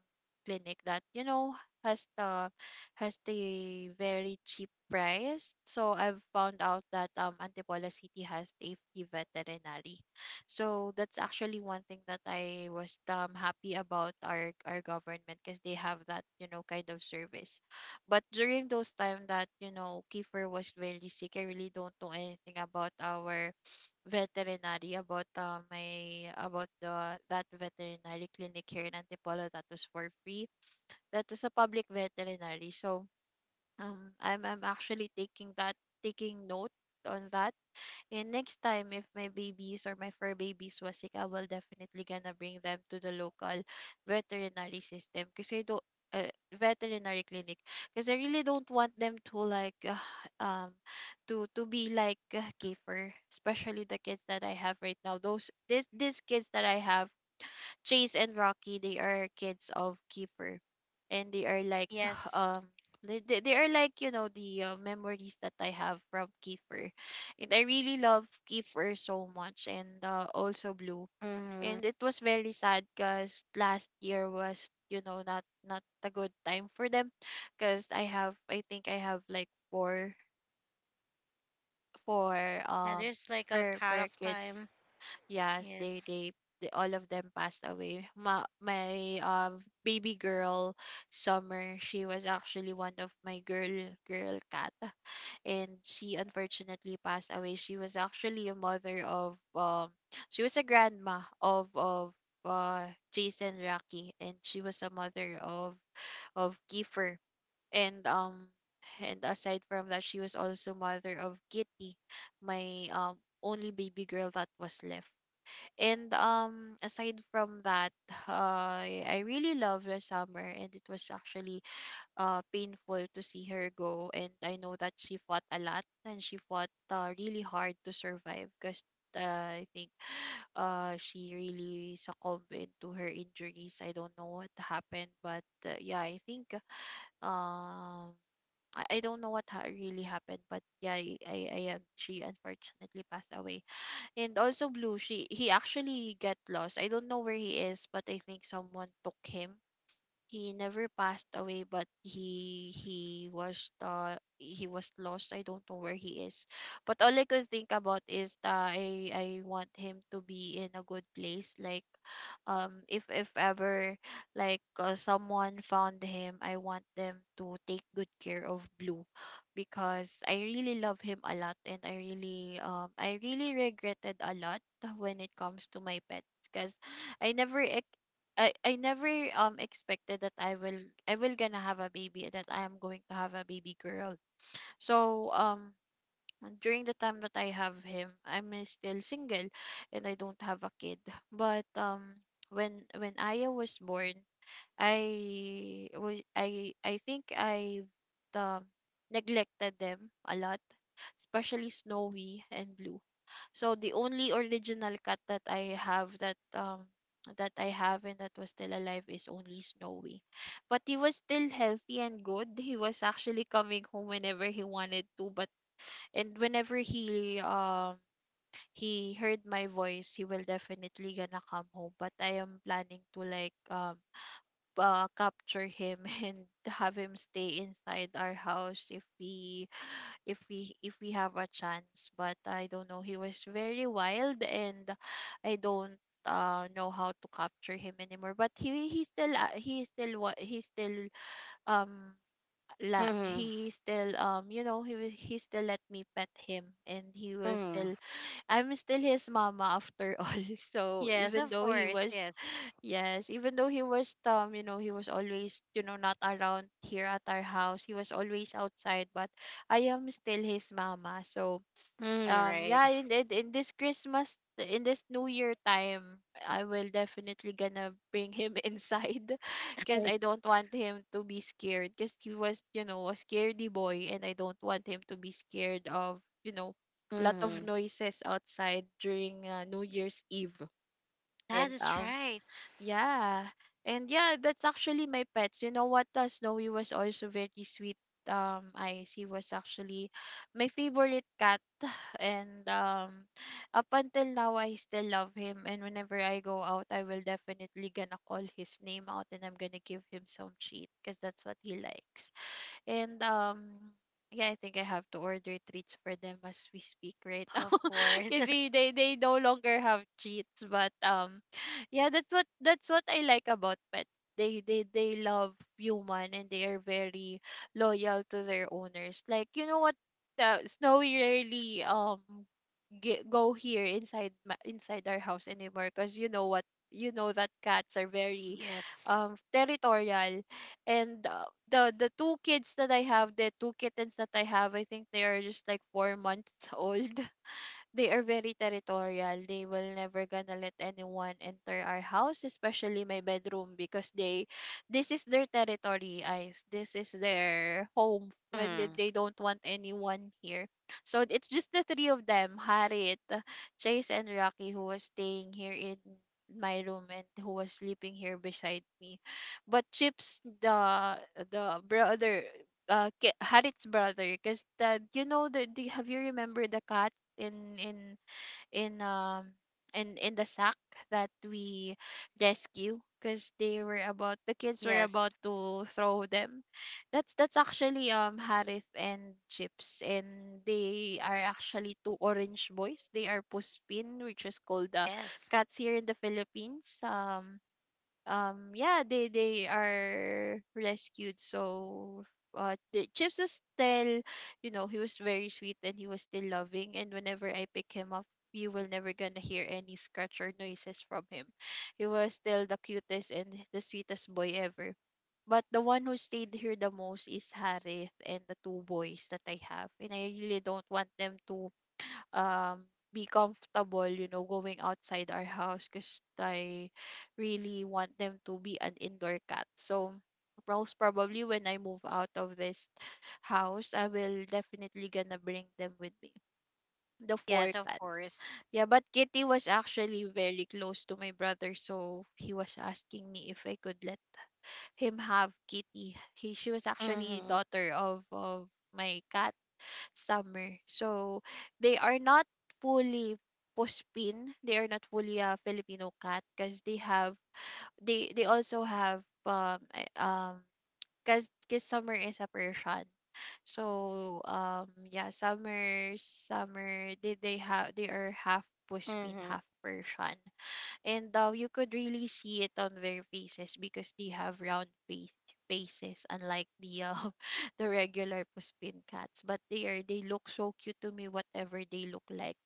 clinic that, you know, has the has the very cheap price. So I've found out that Antipolo city has a free veterinary. So that's actually one thing that I was happy about, our government, because they have that, you know, kind of service. But during those time that, you know, Kiefer was very sick, I really don't know anything about our veterinary, about my about the that veterinary clinic here in Antipolo that was for free. That was a public veterinary. So I'm actually taking that, taking note on that. And next time, if my babies or my fur babies was sick, I will definitely gonna bring them to the local veterinary system, because I don't. Uh, veterinary clinic, because I really don't want them to like um to be like a kefir, especially the kids that I have right now. Those this these kids that I have, Chase and Rocky, they are kids of Kiefer, and they are like Yes. um they are like, you know, the memories that I have from Kiefer, and I really love Kiefer so much, and also Blue. Mm-hmm. And it was very sad, because last year was, you know, not not a good time for them, because I think I have like four four And um there's like a cut for off kids. time. Yes, Yes. They all of them passed away. My baby girl Summer, she was actually one of my girl cat, and she unfortunately passed away. She was actually a mother of she was a grandma of uh Jason Rocky, and she was a mother of Kiefer, and um and aside from that, she was also mother of Kitty, my only baby girl that was left. And aside from that, I really love the summer, and it was actually painful to see her go. And I know that she fought a lot and she fought really hard to survive because I think she really succumbed into her injuries. I don't know what happened, but yeah, I think um I don't know what really happened, but yeah, she unfortunately passed away. And also Blue. She he actually get lost. I don't know where he is, but I think someone took him. He never passed away, but he was lost. I don't know where he is, but all I could think about is that I want him to be in a good place. Like, if ever, like, someone found him, I want them to take good care of Blue, because I really love him a lot and I really I really regretted a lot when it comes to my pets. Because I never ex- I never expected that I will gonna have a baby, that I am going to have a baby girl. So during the time that I have him, I'm still single and I don't have a kid. But when Aya was born, I think I um neglected them a lot, especially Snowy and Blue. So the only original cut that I have, that I have and that was still alive, is only Snowy. But he was still healthy and good. He was actually coming home whenever he wanted to, but and whenever he heard my voice, he will definitely gonna come home. But I am planning to, like, capture him and have him stay inside our house if we if we if we have a chance. But I don't know. He was very wild, and I don't know how to capture him anymore. But he still what he still um la Mm-hmm. he still you know, he still let me pet him, and he will Mm-hmm. still. I'm still his mama after all. So Yes, even of though he course. was, Yes. yes, even though he was, you know, he was always, you know, not around here at our house. He was always outside, but I am still his mama. So Mm, right. yeah, in this Christmas, in this new year time, I will definitely gonna bring him inside, because Right. I don't want him to be scared, because he was, you know, a scaredy boy, and I don't want him to be scared of, you know, lot of Mm-hmm. noises outside during New Year's Eve. And That is right. Yeah. And yeah, that's actually my pets. You know what? Snowy was also very sweet. Ice, he was actually my favorite cat. And up until now, I still love him. And whenever I go out, I will definitely gonna call his name out, and I'm gonna give him some treat because that's what he likes. And yeah, I think I have to order treats for them as we speak right now. Of course. Kasi they no longer have treats, but yeah, that's what I like about pets. They love human, and they are very loyal to their owners. Like, you know what, Snowy rarely go here inside our house anymore, because you know what, you know that cats are very Yes. Territorial. And the two kids that I have, the two kittens that I have, I think they are just like 4 months old. They are very territorial. They will never gonna let anyone enter our house, especially my bedroom, because they this is their territory, guys. This is their home, when Mm-hmm. they don't want anyone here. So it's just the three of them, Harit, Chase and Rocky, who was staying here in my room and who was sleeping here beside me. But Chips, the brother, Harit's brother, because the you know, the, have you remember the cat in in in um in the sack that we rescue, because they were about, the kids were Yes. about to throw them. That's actually Harith and Chips, and they are actually two orange boys. They are Puspin, which is called the Yes. cats here in the Philippines. Yeah, they are rescued. So the Chips is still, you know, he was very sweet, and he was still loving, and whenever I pick him up, you will never gonna hear any scratch or noises from him. He was still the cutest and the sweetest boy ever. But the one who stayed here the most is Harith, and the two boys that I have. And I really don't want them to um be comfortable, you know, going outside our house, because I really want them to be an indoor cat. So most probably, when I move out of this house, I will definitely gonna bring them with me, the four Yes, of cat. course. Yeah, but Kitty was actually very close to my brother, so he was asking me if I could let him have Kitty. He, she was actually Mm-hmm. daughter of my cat Summer. So they are not fully Puspin. They are not fully a Filipino cat, because they have, they also have because Summer is a Persian. So yeah, summer they have, they are half Puspin, Mm-hmm. half Persian. And you could really see it on their faces, because they have round face faces, unlike the the regular Puspin cats. But they are, they look so cute to me, whatever they look like.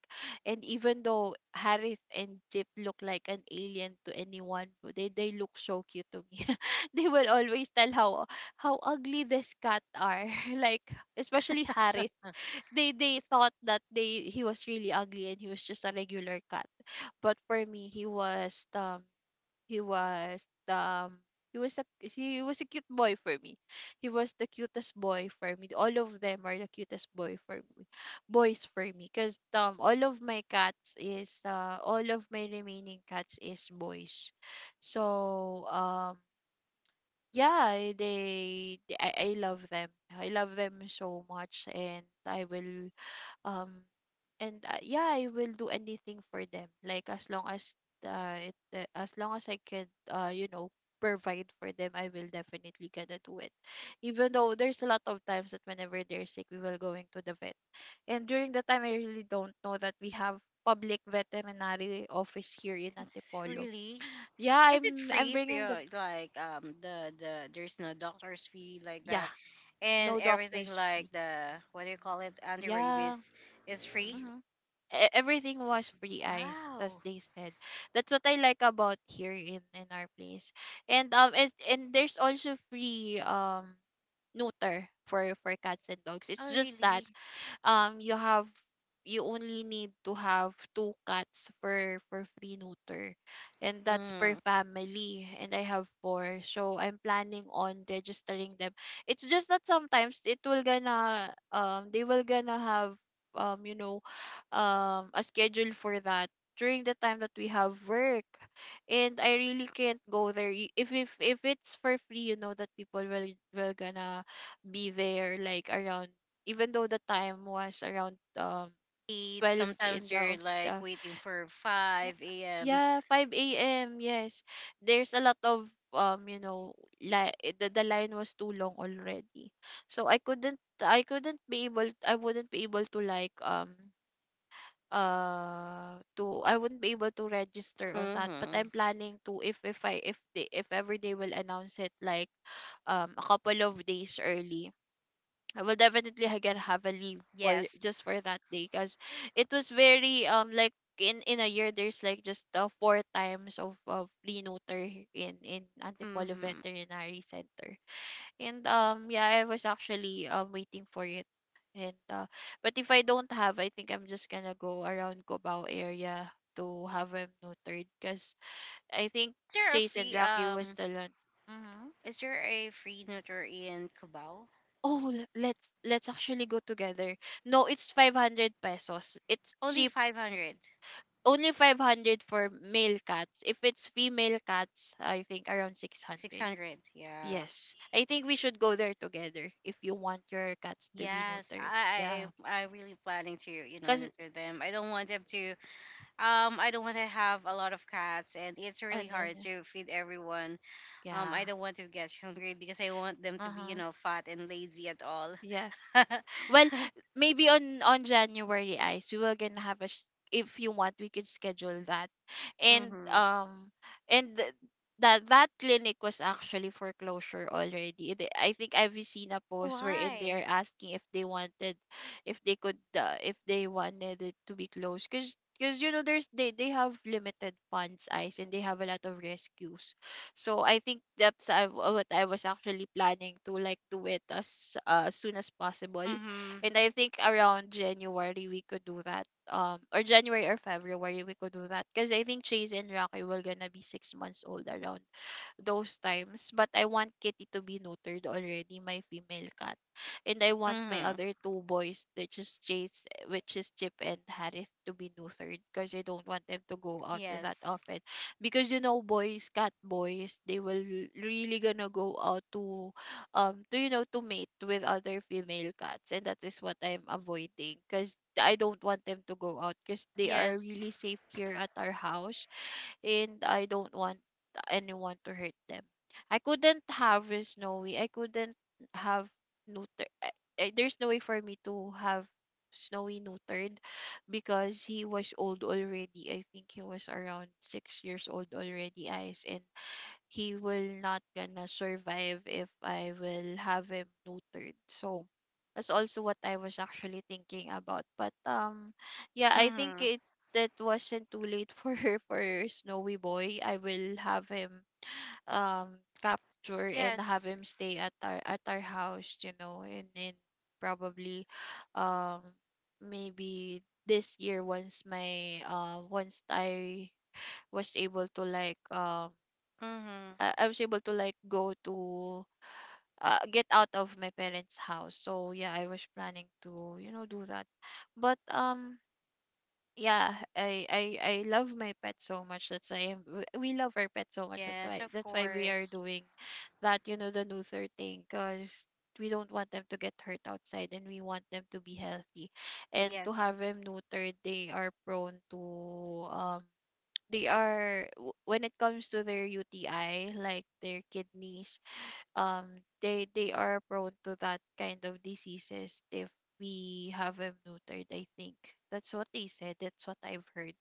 And even though Harith and Jip look like an alien to anyone, but they look so cute to me. They will always tell how ugly this cat are, like, especially Harith. Uh, They thought that they he was really ugly and he was just a regular cat. But for me, he was he was he was a cute boy for me. He was the cutest boy for me. All of them are the cutest boy for me, boys for me, because all of my cats is all of my remaining cats is boys. So yeah, I love them. I love them so much, and I will um and yeah, I will do anything for them, like, as long as it as long as I can, you know, provide for them, I will definitely gonna do it. Even though there's a lot of times that whenever they're sick, we will going to the vet. And during the time, I really don't know that we have public veterinary office here in it's Antipolo. really. Yeah, Is it I'm free for bringing the. your, like, the there's no doctor's fee like Yeah. that, No and everything doctors fee. like the, what do you call it, anti Yeah. rabies is free? Mhm. Everything was free, Ice, as Wow. they said. That's what I like about here in our place. And there's also free neuter for cats and dogs. It's Oh, just that, really? You have, you only need to have two cats for free neuter, and that's per family, and I have four, so I'm planning on registering them. It's just that sometimes it will gonna they will gonna have, you know, a schedule for that during the time that we have work, and I really can't go there. If if it's for free, you know that people will gonna be there, like, around, even though the time was around Eight. 12 in Sometimes they're the. like waiting for 5 a.m. Yeah, 5 a.m., yes. There's a lot of, you know, like, the line was too long already. So I couldn't be able, I wouldn't be able to, like, to I wouldn't be able to register on that. But Mm-hmm. I'm planning to, if ever they will announce it, like, a couple of days early, I will definitely ha- get have a leave for just Yes. for that day, because it was very like, in a year, there's like just four times of renoter in Antipolo Mm-hmm. Veterinary Center. And yeah, I was actually waiting for it. And But if I don't have, I think I'm just gonna go around Cubao area to have him neutered, because I think Is there a Chase and free Rocky was still on. Is there a free notar in Cubao? Oh, let's actually go together. No, it's 500 pesos. It's cheap. Only 500, Only 500 for male cats. If it's female cats, I think around six 600. hundred. Yeah. Yes. I think we should go there together if you want your cats to be Yes, neutered. Yeah. I really planning to, you know, Cuz nurture them. I don't want them to, I don't want to have a lot of cats, and it's ano really hard yun, to feed everyone. Yeah. I don't want to get hungry because I want them to be, Uh-huh. you know, fat and lazy at all. Yes. Well, maybe on January, Ice, we will gonna have a. If you want, we could schedule that, and Mm-hmm. um, and that clinic was actually foreclosure already. I think I've seen a post wherein they are Why? asking if they wanted, if they could, if they wanted it to be closed, cause. Because there's they have limited funds ice and they have a lot of rescues, so I think that's what I was actually planning to like do it as soon as possible. Mm-hmm. And I think around January we could do that. Or January or February we could do that. Cause I think Chase and Rocky will gonna be 6 months old around those times. But I want Kitty to be neutered already, my female cat. And I want my Mm-hmm. other two boys, which is Chase, which is Chip and Harith, to be neutered because I don't want them to go out that Yes. often. Because, boys, cat boys, they will really gonna go out to to mate with other female cats, and that is what I'm avoiding because I don't want them to go out because they are Yes. really safe here at our house, and I don't want anyone to hurt them. I couldn't have a snowy. I couldn't have neuter. There's no way for me to have snowy neutered because he was old already. I think he was around 6 years old already, eyes, and he will not gonna survive if I will have him neutered. So that's also what I was actually thinking about. But yeah, I think Mm-hmm. it that wasn't too late for for Snowy Boy. I will have him capture and have Yes. him stay at our house, and then probably um maybe this year once my once I was able to like Mm-hmm. I was able to like go to get out of my parents' house. So yeah, I was planning to do that, but yeah, I love my pet so much. That's why I'm- w- We love our pet so much. That's Yes, why of that's why we are course. doing that. The Luther thing because. We don't want them to get hurt outside, and we want them to be healthy. And to Yes. have them neutered, they are prone to when it comes to their UTI, like their kidneys um they they are prone to that kind of diseases if we haven't neutered. I think that's what they said, that's what I've heard,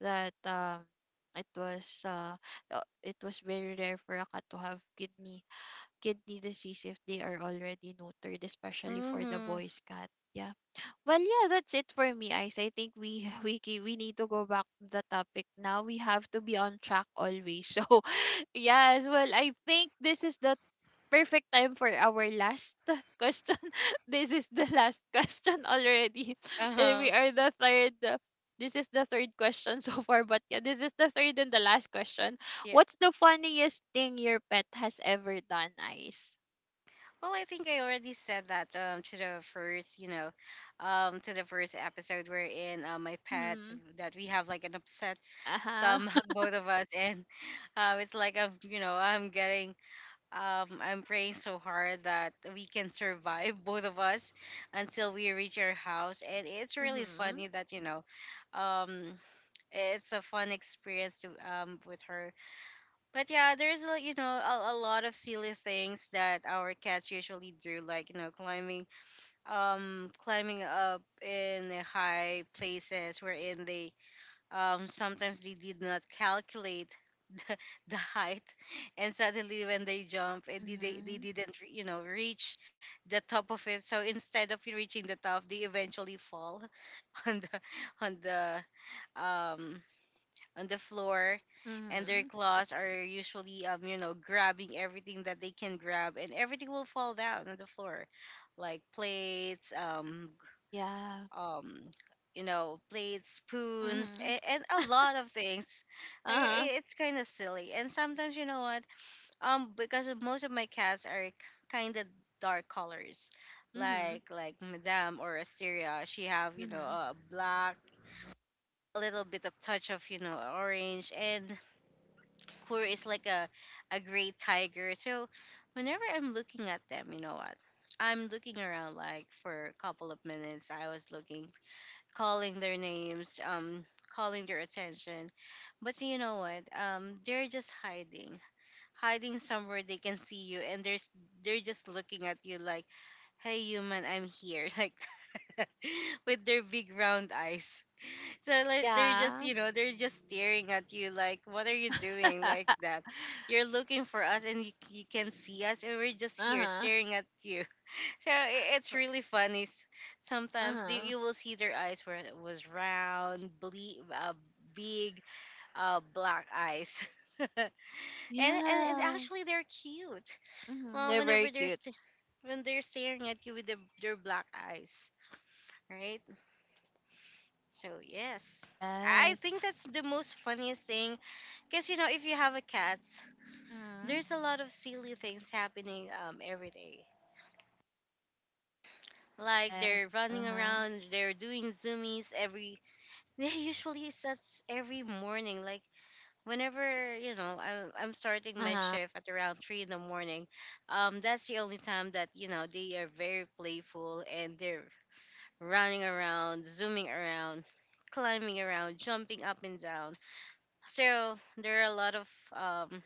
that it was uh it was very rare for a cat to have kidney disease if they are already neutered, especially for the Mm-hmm. boys cat. Yeah, well yeah, that's it for me, Ice. I think we we need to go back to the topic now. We have to be on track always. So yes, well, I think this is the perfect time for our last question. This is the last question already. And we Uh-huh. are the third. This is the third question so far, but yeah, this is the third and the last question. Yeah. What's the funniest thing your pet has ever done, Ice? Well, I think I already said that, to the first episode we're in, my pet, Mm-hmm. that we have like an upset Uh-huh. stomach, both of us. And it's like I'm, you know, um, I'm praying so hard that we can survive, both of us, until we reach our house. And it's really Mm-hmm. funny that, you know, um, it's a fun experience to, with her. But yeah, there's, you know, a lot of silly things that our cats usually do, like, you know, climbing, climbing up in the high places wherein they, sometimes they did not calculate the height, and suddenly when they jump it, they Mm-hmm. didn't you know, reach the top of it. So instead of reaching the top, they eventually fall on the on the um on the floor. And their Mm-hmm. claws are usually, you know, grabbing everything that they can grab, and everything will fall down on the floor, like plates, g- Yeah. um you know, plates, spoons, Mm-hmm. And a lot of things. Like, Uh-huh. It's kind of silly. And sometimes you know what, because of, most of my cats are kind of dark colors, Mm-hmm. Like Madame or Asteria. She have, you know, Mm-hmm. a black, a little bit of touch of, you know, orange. And Kur is like a gray tiger. So whenever I'm looking at them, you know what? I'm looking around like for a couple of minutes. I was looking, calling their names, calling their attention. But you know what? They're just hiding somewhere they can see you, and there's they're just looking at you like, hey human, I'm here. Like that, with their big round eyes. So like, they're just, Yeah. you know, they're just staring at you like, what are you doing like that? You're looking for us, and you can see us, and we're just here Uh-huh. staring at you. So I it's really funny. Sometimes the, Uh-huh. you will see their eyes where it was round, uh, big, black eyes. And and Yeah. actually they're cute. Mhm, Well, they're very whenever cute. When they're staring at you with the, their black eyes, right? So yes, I Yes. think that's the most funniest thing. Because, you know, if you have a cat, Mhm. there's a lot of silly things happening, every day. Like Yes. they're running Uh-huh. around, they're doing zoomies every. They usually sets every morning, like whenever I'm starting my Uh-huh. shift at around three in the morning that's the only time that they are very playful and they're running around, zooming around, climbing around, jumping up and down. So there are a lot of um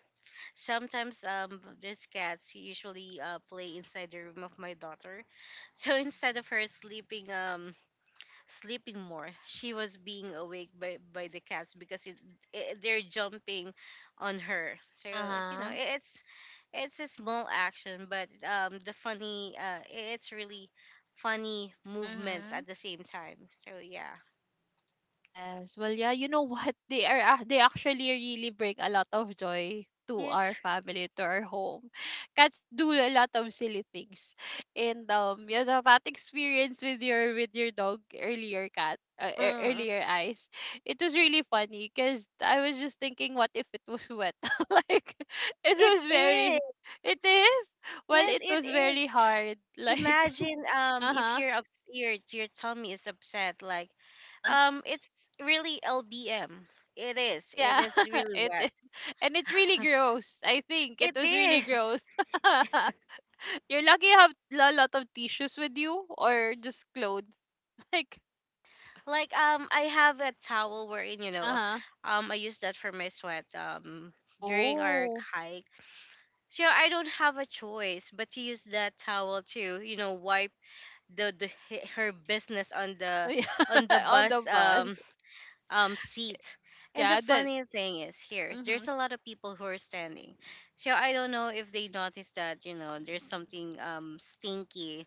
sometimes these cats usually play inside the room of my daughter. So instead of her sleeping sleeping more, she was being awake by the cats because they're jumping on her. So you know, Uh-huh. i- it's it's a small action, but the it's really funny movements Mhm. at the same time. So yeah, Yes. Well, yeah, what? They actually really bring a lot of joy to our yes, family, to our home. Cats do a lot of silly things. And that experience with your dog earlier cat mm, earlier eyes. It was really funny because I was just thinking, what if it was wet? Like it it was is. very it is. Well, Yes, it it was is. very hard. Like Imagine if uh-huh, you're up, your tummy is upset, like uh-huh. It's really LBM. It is. It Yeah, is really it wet. is. And it's really gross. I think it It was really is. gross. You're lucky you have a lot of tissues with you or just clothes. Like, Like I have a towel wherein uh-huh. I use that for my sweat during our Oh. hike. So I don't have a choice but to use that towel to wipe her business on the Yeah, on the on the bus bus. Seat. And the Yeah, that funny thing is here, is mm-hmm. there's a lot of people who are standing. So I don't know if they noticed that there's something stinky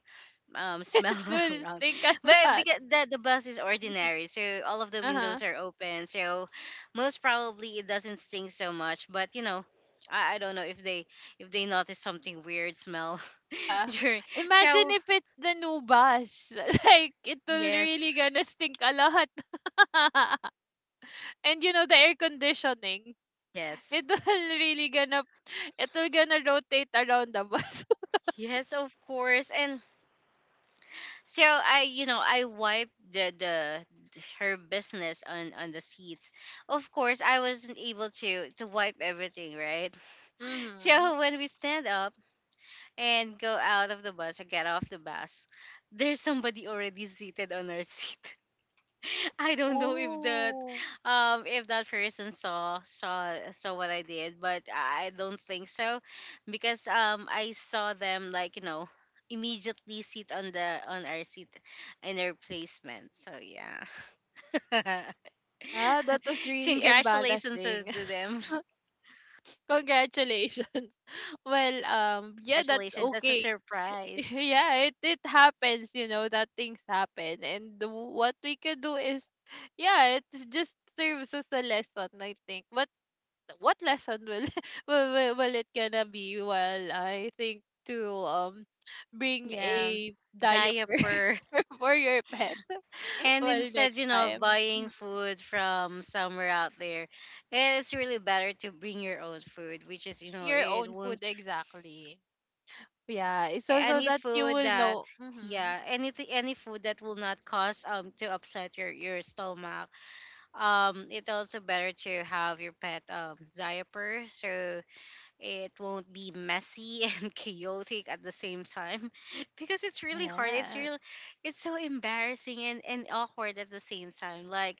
smell Dude, around. think of But that. because the bus is ordinary, so all of the Uh-huh. windows are open. So most probably it doesn't stink so much. But you know, I don't know if they, if they notice something weird smell Uh-huh. during. Imagine So if it's the new bus. Like, it will really yes, gonna stink a lot. And, the air conditioning. yes, It will really gonna it will gonna rotate around the bus. yes, of course. And so I, I wiped the her business on the seats. Of course, I wasn't able to wipe everything, right. Mhm. So when we stand up and go out of the bus, or get off the bus, there's somebody already seated on our seat. I don't know Oh. If that person saw what I did, but I don't think so because I saw them, like, you know, immediately sit on the on our seat in their placement. So yeah. Yeah, that was really Congratulations to, embarrassing. to them. Congratulations. Well, yeah, that's Congratulations. That's a okay. surprise. Yeah, it happens, that things happen, and the- what we can do is yeah, it just serves as a lesson, I think. But what lesson will will it gonna be? Well, I think to bring Yeah. a diaper Diaper. for your pet. And Well, instead, next you know, of time. buying Mhm. food from somewhere out there, it's really better to bring your own food, which is, you Bring know, your it own food, won't exactly. Yeah, it's so so any that you food will that, know. Mm-hmm. yeah, anything, any food that will not cause to upset your stomach. It's also better to have your pet diaper, so it won't be messy and chaotic at the same time, because it's really hard. Yes. It's so embarrassing and awkward at the same time. Like,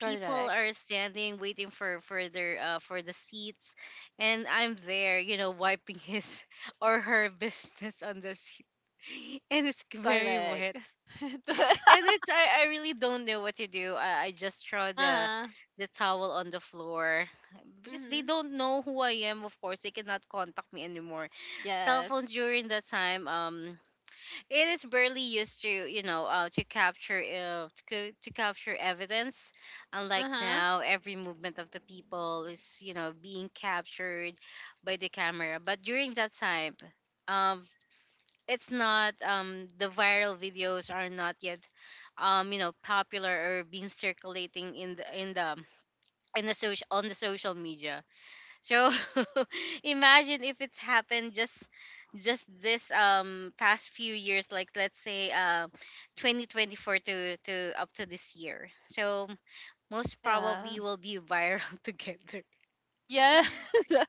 people Correct. are standing waiting for their for the seats, and I'm there, you know, wiping his or her business on the seat, and it's very Correct. wet, and it's I really don't know what to do. I just throw the Uh-huh. the towel on the floor because they Mm-hmm. don't know who I am. Of course, they cannot contact me anymore. Cell Yes. phones during that time, it is barely used to to to capture evidence. Unlike Uh-huh. now, every movement of the people is being captured by the camera. But during that time. Um, it's not the viral videos are not yet popular or being circulating in the social, on the social media, so. Imagine if it's happened just this past few years, like let's say 2024 to up to this year, so most probably Yeah. will be viral. Together, Yeah, so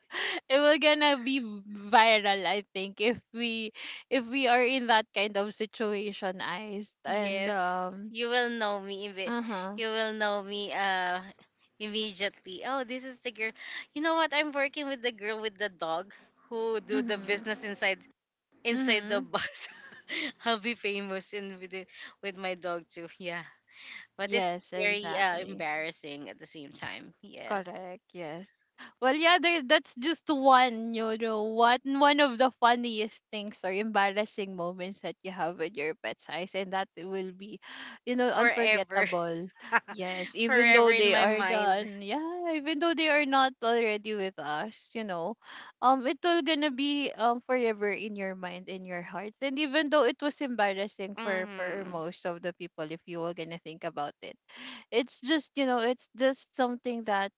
it will gonna be viral, I think, if we are in that kind of situation, Iced. And yes, you will know uh huh, you will know me immediately. Oh, this is the girl. You know what? I'm working with the girl with the dog who do the mhm, business inside, inside the mhm. bus. I'll be famous in with it, with my dog too. Yeah, but it's Yes, very exactly. embarrassing at the same time. Yeah, Correct. Yes. Well, yeah, there, that's just one, one of the funniest things or embarrassing moments that you have with your pet's eyes, and that will be, forever, unforgettable. Yes, even forever though in they my are mind. gone, yeah, even though they are not already with us, it will gonna be forever in your mind, in your heart, and even though it was embarrassing for Mm-hmm. most of the people, if you were gonna think about it, it's just it's just something that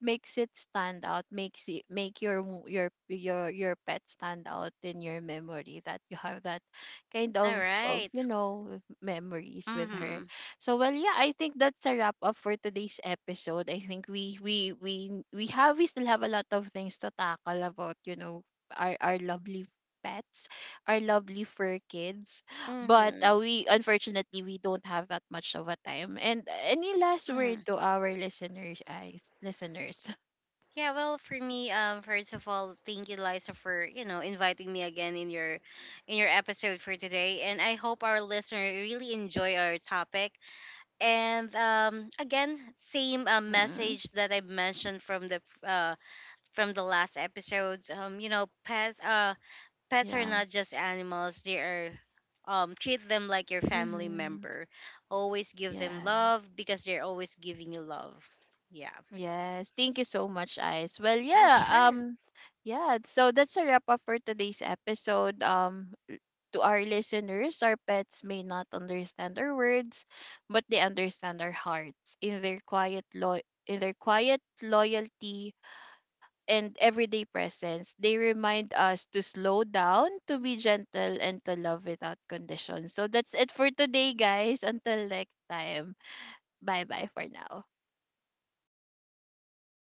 makes it stand out, makes it make your your pet stand out in your memory, that you have that kind All of right. Memories with her. Mm-hmm. So well, yeah, I think that's a wrap up for today's episode. I think we still have a lot of things to tackle about, our lovely pets, our lovely fur kids, but Mm-hmm. We unfortunately we don't have that much of a time. And any last Mm-hmm. word to our listeners eyes, listeners? Yeah, well, for me, first of all, thank you, Liza, for inviting me again in your episode for today, and I hope our listener really enjoy our topic. And again, same Mm-hmm, message that I mentioned from the last episode. You know, pets are yeah, not just animals; they are treat them like your family mm-hmm, member. Always give them yeah. love because they're always giving you love. Yeah. Yes, thank you so much, eyes. Well, Yeah, yeah, sure. yeah, so that's a wrap up for today's episode. To our listeners, our pets may not understand our words, but they understand our hearts in in their quiet loyalty and everyday presence. They remind us to slow down, to be gentle, and to love without condition. So that's it for today, guys. Until next time. Bye bye for now.